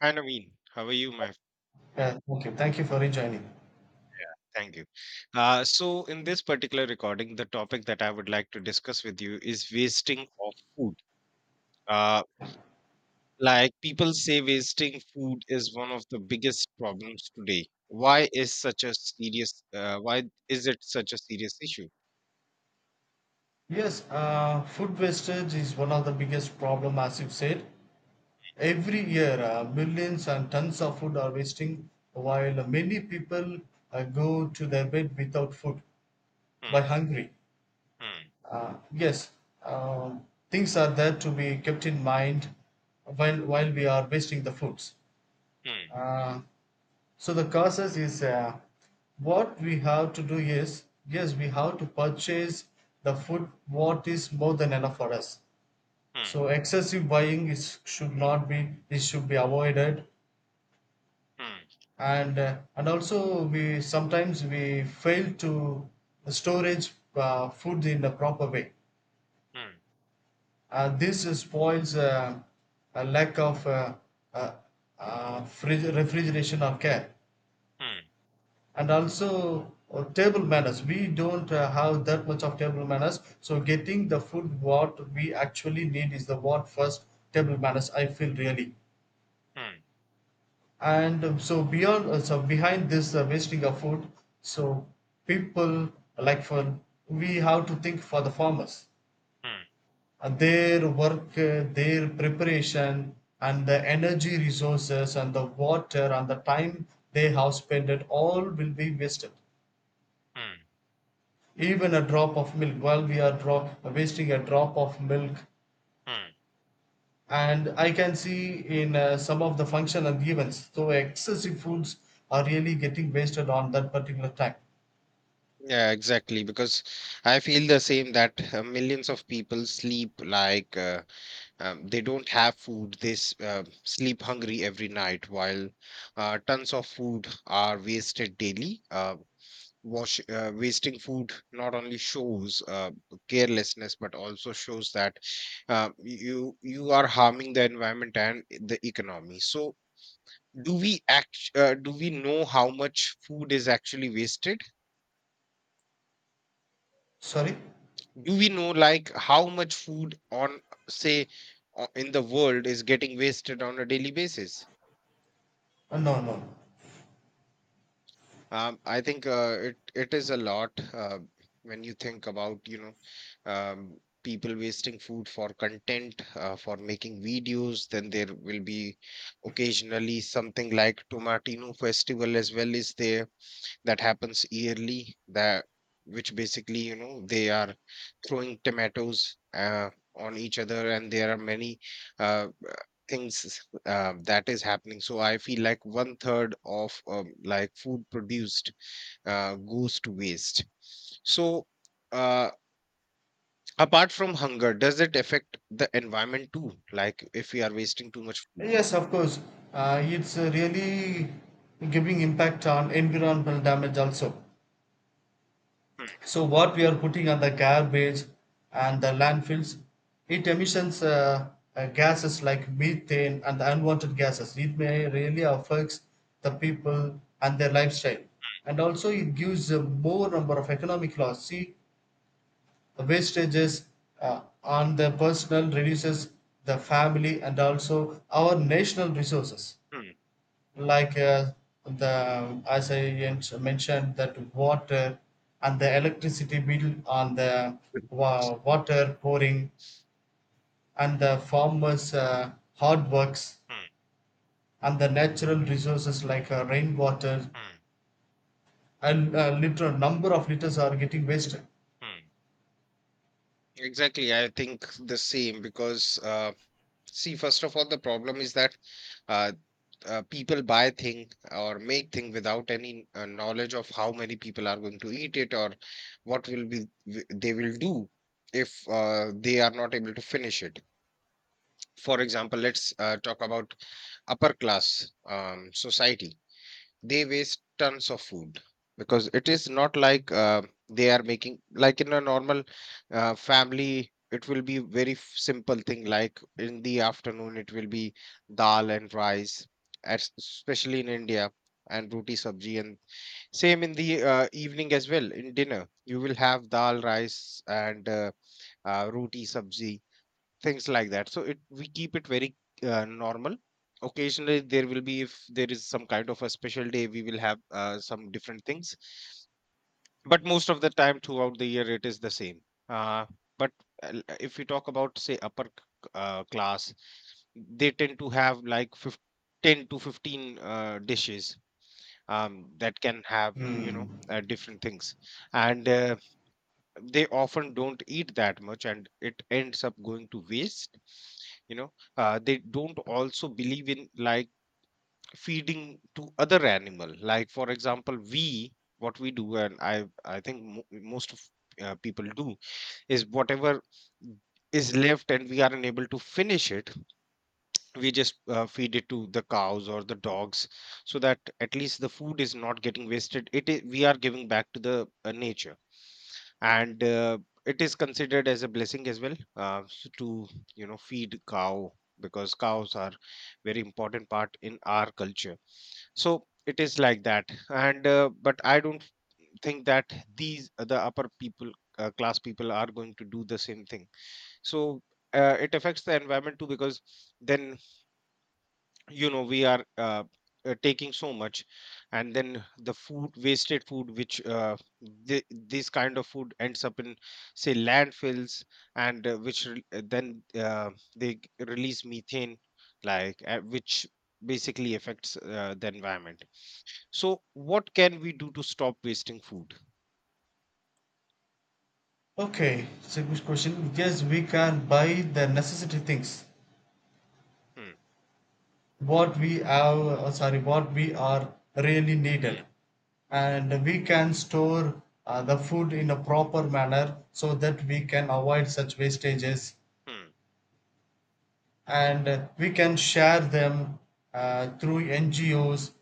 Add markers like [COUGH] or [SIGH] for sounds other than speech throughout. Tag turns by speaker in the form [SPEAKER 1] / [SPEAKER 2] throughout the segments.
[SPEAKER 1] Hi Naveen, how are you? My
[SPEAKER 2] Yeah, okay. Thank you for rejoining.
[SPEAKER 1] thank you. So in this particular recording, the topic that I would like to discuss with you is wasting of food. Uh, like people say, wasting food is one of the biggest problems today. Why is it such a serious issue?
[SPEAKER 2] Yes, food wastage is one of the biggest problem, as you've said. Every year, millions and tons of food are wasting, while many people go to their bed without food, by
[SPEAKER 1] Hmm,
[SPEAKER 2] hungry.
[SPEAKER 1] hmm,
[SPEAKER 2] Uh, yes, um, things are there to be kept in mind while we are wasting the foods.
[SPEAKER 1] hmm,
[SPEAKER 2] Uh, So the causes is what we have to do is yes we have to purchase the food what is more than enough for us.
[SPEAKER 1] hmm,
[SPEAKER 2] So excessive buying is should not be it should be avoided
[SPEAKER 1] hmm,
[SPEAKER 2] and also we sometimes we fail to storage food in the proper way.
[SPEAKER 1] hmm,
[SPEAKER 2] This spoils a lack of uh, fridge, refrigeration or care.
[SPEAKER 1] hmm,
[SPEAKER 2] And also table manners we don't have that much of table manners so getting the food what we actually need is the what first table manners I feel really
[SPEAKER 1] hmm,
[SPEAKER 2] and so beyond so behind this wasting of food so people like for we have to think for the farmers
[SPEAKER 1] hmm,
[SPEAKER 2] and their work their preparation and the energy resources and the water and the time they have spent it all will be wasted
[SPEAKER 1] hmm,
[SPEAKER 2] even a drop of milk while we are wasting a drop of milk.
[SPEAKER 1] hmm.
[SPEAKER 2] And I can see in some of the function and events so excessive foods are really getting wasted on that particular time.
[SPEAKER 1] Yeah, exactly. Because I feel the same that millions of people sleep like. They don't have food they sleep hungry every night while tons of food are wasted daily, wash wasting food not only shows carelessness but also shows that uh, you are harming the environment and the economy. So do we know how much food is actually wasted?
[SPEAKER 2] Sorry.
[SPEAKER 1] Do we know, like, how much food on, say, in the world is getting wasted on a daily basis?
[SPEAKER 2] No, no, no.
[SPEAKER 1] I think it is a lot, when you think about, you know, um, people wasting food for content, for making videos. Then there will be occasionally something like Tomatino Festival as well, is there, that happens yearly, that, which basically, you know, they are throwing tomatoes on each other, and there are many uh, uh, things that is happening. So I feel like one third of, like, food produced goes to waste. So, uh, apart from hunger, does it affect the environment too, like, if we are wasting too much food?
[SPEAKER 2] Yes, of course, it's really giving impact on environmental damage also. So what we are putting on the garbage and the landfills, it emissions gases like methane and the unwanted gases. It may really affects the people and their lifestyle, and also it gives a more number of economic loss. See, the wastages on the personal reduces the family and also our national resources
[SPEAKER 1] Hmm,
[SPEAKER 2] like the as I mentioned that water and the electricity bill on the
[SPEAKER 1] hmm,
[SPEAKER 2] water pouring and the farmers' hard works
[SPEAKER 1] hmm,
[SPEAKER 2] and the natural resources like rainwater
[SPEAKER 1] hmm,
[SPEAKER 2] and literal number of liters are getting wasted.
[SPEAKER 1] hmm. Exactly, I think the same, because, see, first of all, the problem is that uh, people buy thing or make thing without any knowledge of how many people are going to eat it, or what they will do if they are not able to finish it. For example, let's talk about upper class, society. They waste tons of food, because it is not like they are making, like, in a normal, family. It will be very simple thing, like in the afternoon it will be dal and rice, especially in India, and roti sabji, and same in the evening as well, in dinner you will have dal rice and roti sabji, things like that. So, it, we keep it very normal. Occasionally, there will be, if there is some kind of a special day, we will have some different things. But most of the time throughout the year, it is the same. Uh, but if we talk about, say, upper class, they tend to have like 15, 10 to 15 dishes, that can have, you
[SPEAKER 2] Hmm.
[SPEAKER 1] know, different things, and. They often don't eat that much and it ends up going to waste. You know, they don't also believe in, like, feeding to other animal. Like, for example, we, what we do, and I think most of people do, is whatever is left and we are unable to finish it, we just feed it to the cows or the dogs, so that at least the food is not getting wasted, it is, we are giving back to the nature. And it is considered as a blessing as well, to, you know, feed cow, because cows are very important part in our culture. So it is like that. And but I don't think that these, the upper people, class people, are going to do the same thing. So it affects the environment too, because then, you know, we are, taking so much, and then the food, wasted food, which, this kind of food ends up in, say, landfills, and which re- then they g- release methane, which basically affects the environment. So, what can we do to stop wasting food?
[SPEAKER 2] Okay, it's a good question. Yes, we can buy the necessity things
[SPEAKER 1] Hmm,
[SPEAKER 2] what we have sorry what we are really needed,
[SPEAKER 1] hmm,
[SPEAKER 2] and we can store the food in a proper manner so that we can avoid such wastages.
[SPEAKER 1] hmm,
[SPEAKER 2] And we can share them through NGOs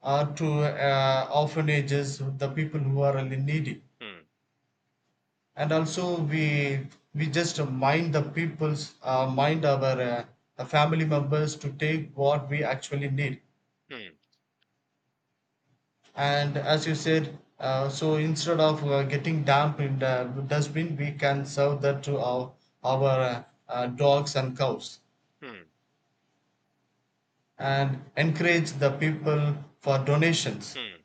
[SPEAKER 2] or to orphanages, the people who are really needy.
[SPEAKER 1] hmm,
[SPEAKER 2] And also we just mind the people's mind our family members to take what we actually need.
[SPEAKER 1] hmm,
[SPEAKER 2] And as you said, so instead of getting dumped in the dustbin we can serve that to our dogs and cows,
[SPEAKER 1] hmm, hmm,
[SPEAKER 2] and encourage the people for donations.
[SPEAKER 1] hmm,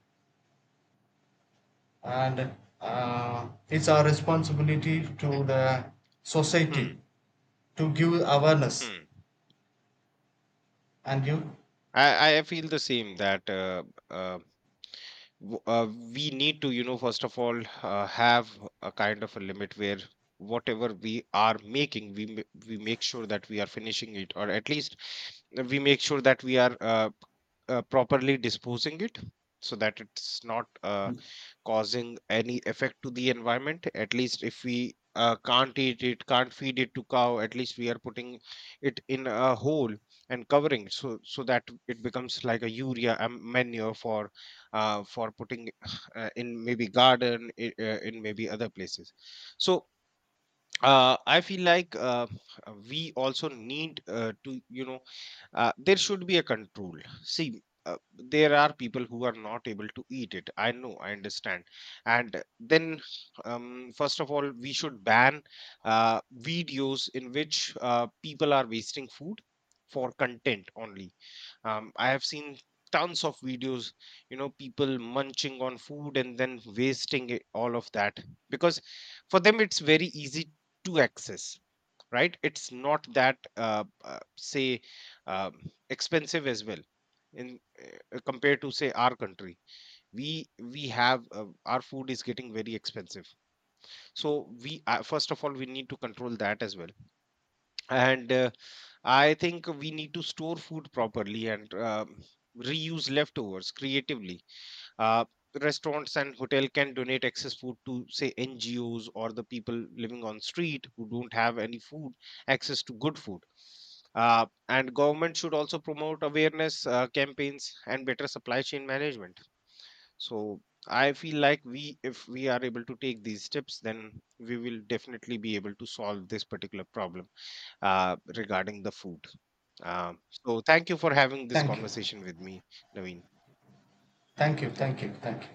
[SPEAKER 2] And it's our responsibility to
[SPEAKER 1] hmm,
[SPEAKER 2] the
[SPEAKER 1] hmm.
[SPEAKER 2] society to give awareness.
[SPEAKER 1] Hmm.
[SPEAKER 2] And you
[SPEAKER 1] I feel the same that, uh, w- uh, we need to, you know, first of all, have a kind of a limit, where whatever we are making, we make sure that we are finishing it, or at least we make sure that we are properly disposing it, so that it's not causing any effect to the environment. At least if we can't eat it, can't feed it to cow, at least we are putting it in a hole and covering, so so that it becomes like a urea, manure for, for putting [SIGHS] in maybe garden, in maybe other places. So I feel like, we also need, to, you know, there should be a control. See, there are people who are not able to eat it. I know, I understand. And then, first of all, we should ban videos in which people are wasting food for content only. Um, I have seen tons of videos, you know, people munching on food and then wasting it, all of that. Because for them it's very easy to access, right? It's not that, say, um, expensive as well, in compared to, say, our country. We have, our food is getting very expensive. So we, first of all, we need to control that as well. And I think we need to store food properly, and reuse leftovers creatively. uh, Restaurants and hotel can donate excess food to, say, NGOs, or the people living on street who don't have any food, access to good food. And government should also promote awareness campaigns and better supply chain management. So, I feel like we, if we are able to take these steps, then we will definitely be able to solve this particular problem, regarding the food. So, thank you for having this
[SPEAKER 2] thank you
[SPEAKER 1] conversation with me, Naveen.
[SPEAKER 2] thank you thank you
[SPEAKER 1] Thank
[SPEAKER 2] thank you